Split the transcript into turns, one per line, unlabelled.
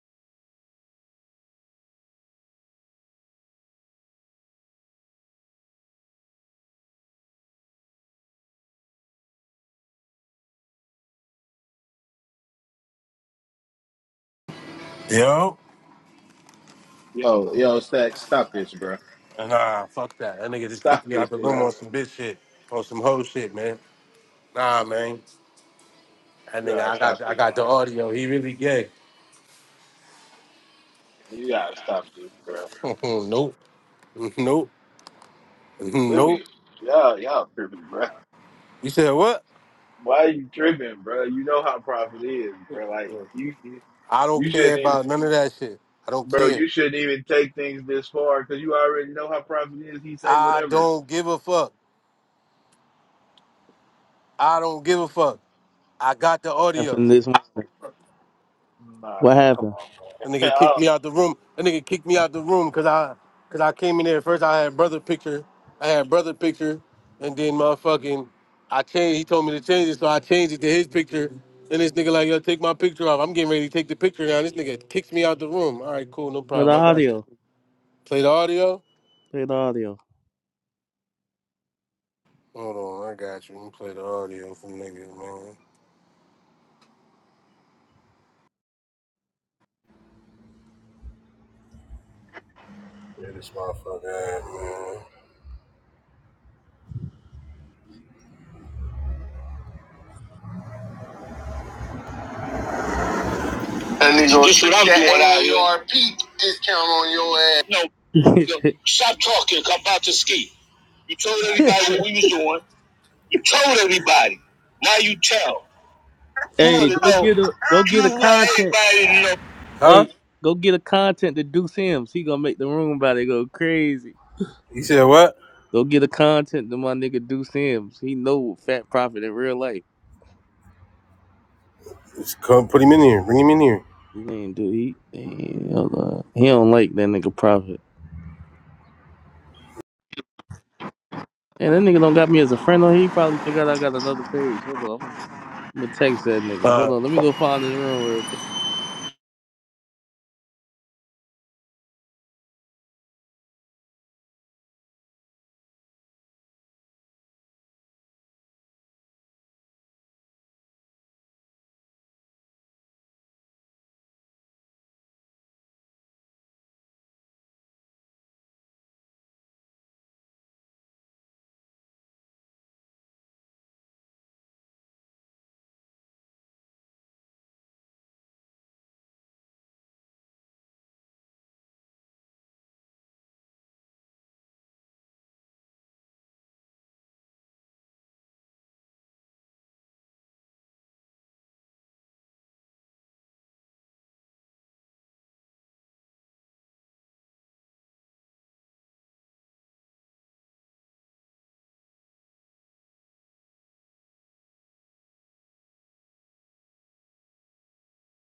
Yo.
Yo, yo, Stack, stop this, bro.
Nah, fuck that. That nigga just
Stop
kicked me
this,
out the room on
bro.
some bitch shit, on some hoe shit, man. Nah, man. That
You
nigga,
gotta
I got,
stop
I
this,
got the
man.
audio. He really gay.
You gotta stop this, bro.
nope, nope,
Let
nope.
me, y'all, y'all tripping, bro.
You said what?
Why are you tripping, bro? You know how profit is, bro. Like you, you
I don't
you
care
shouldn't even,
about none of that shit. I don't
bro.
care.
You shouldn't even take things this far because you already know how profit is. He say
I
whatever.
don't give a fuck. I don't give a fuck. I got the audio.
happened this morning? What
Nah, come
happened?
on,
That
man.
nigga kicked me out the room. That nigga kicked me out the room because I, cause I came in there first. I had brother picture. I had brother picture, and then motherfucking, I changed. He told me to change it, so I changed it to his picture. Then this nigga like, yo, take my picture off. I'm getting ready to take the picture down. This nigga kicks me out the room. All right, cool, no
Play the
problem. I got you.
audio.
Play the audio.
Play the audio.
Hold on, I got you. Let me play the audio for niggas, man. Yeah, this motherfucker, ass, man. That nigga gonna this what I'm doing out here. AARP discount on your ass. No, no, stop talking. I'm about to ski. You told everybody what we was doing. You told everybody. Now you tell. You
hey,
want to
go
know.
get a go get a
You want
content.
everybody to know. Huh?
Hey, go get a content to Deuce Sims. He gonna make the room about it go crazy.
He said what?
Go get a content to my nigga Deuce Sims. He know Fat Prophet in real life.
Just come put him in here. Bring him in here.
He ain't do he? He hold on. He don't like that nigga Prophet. And that nigga don't got me as a friend on here. He probably forgot I got another page. Hold on, I'm gonna I'm gonna text that nigga.
Uh,
Hold on, let me go find his room real quick.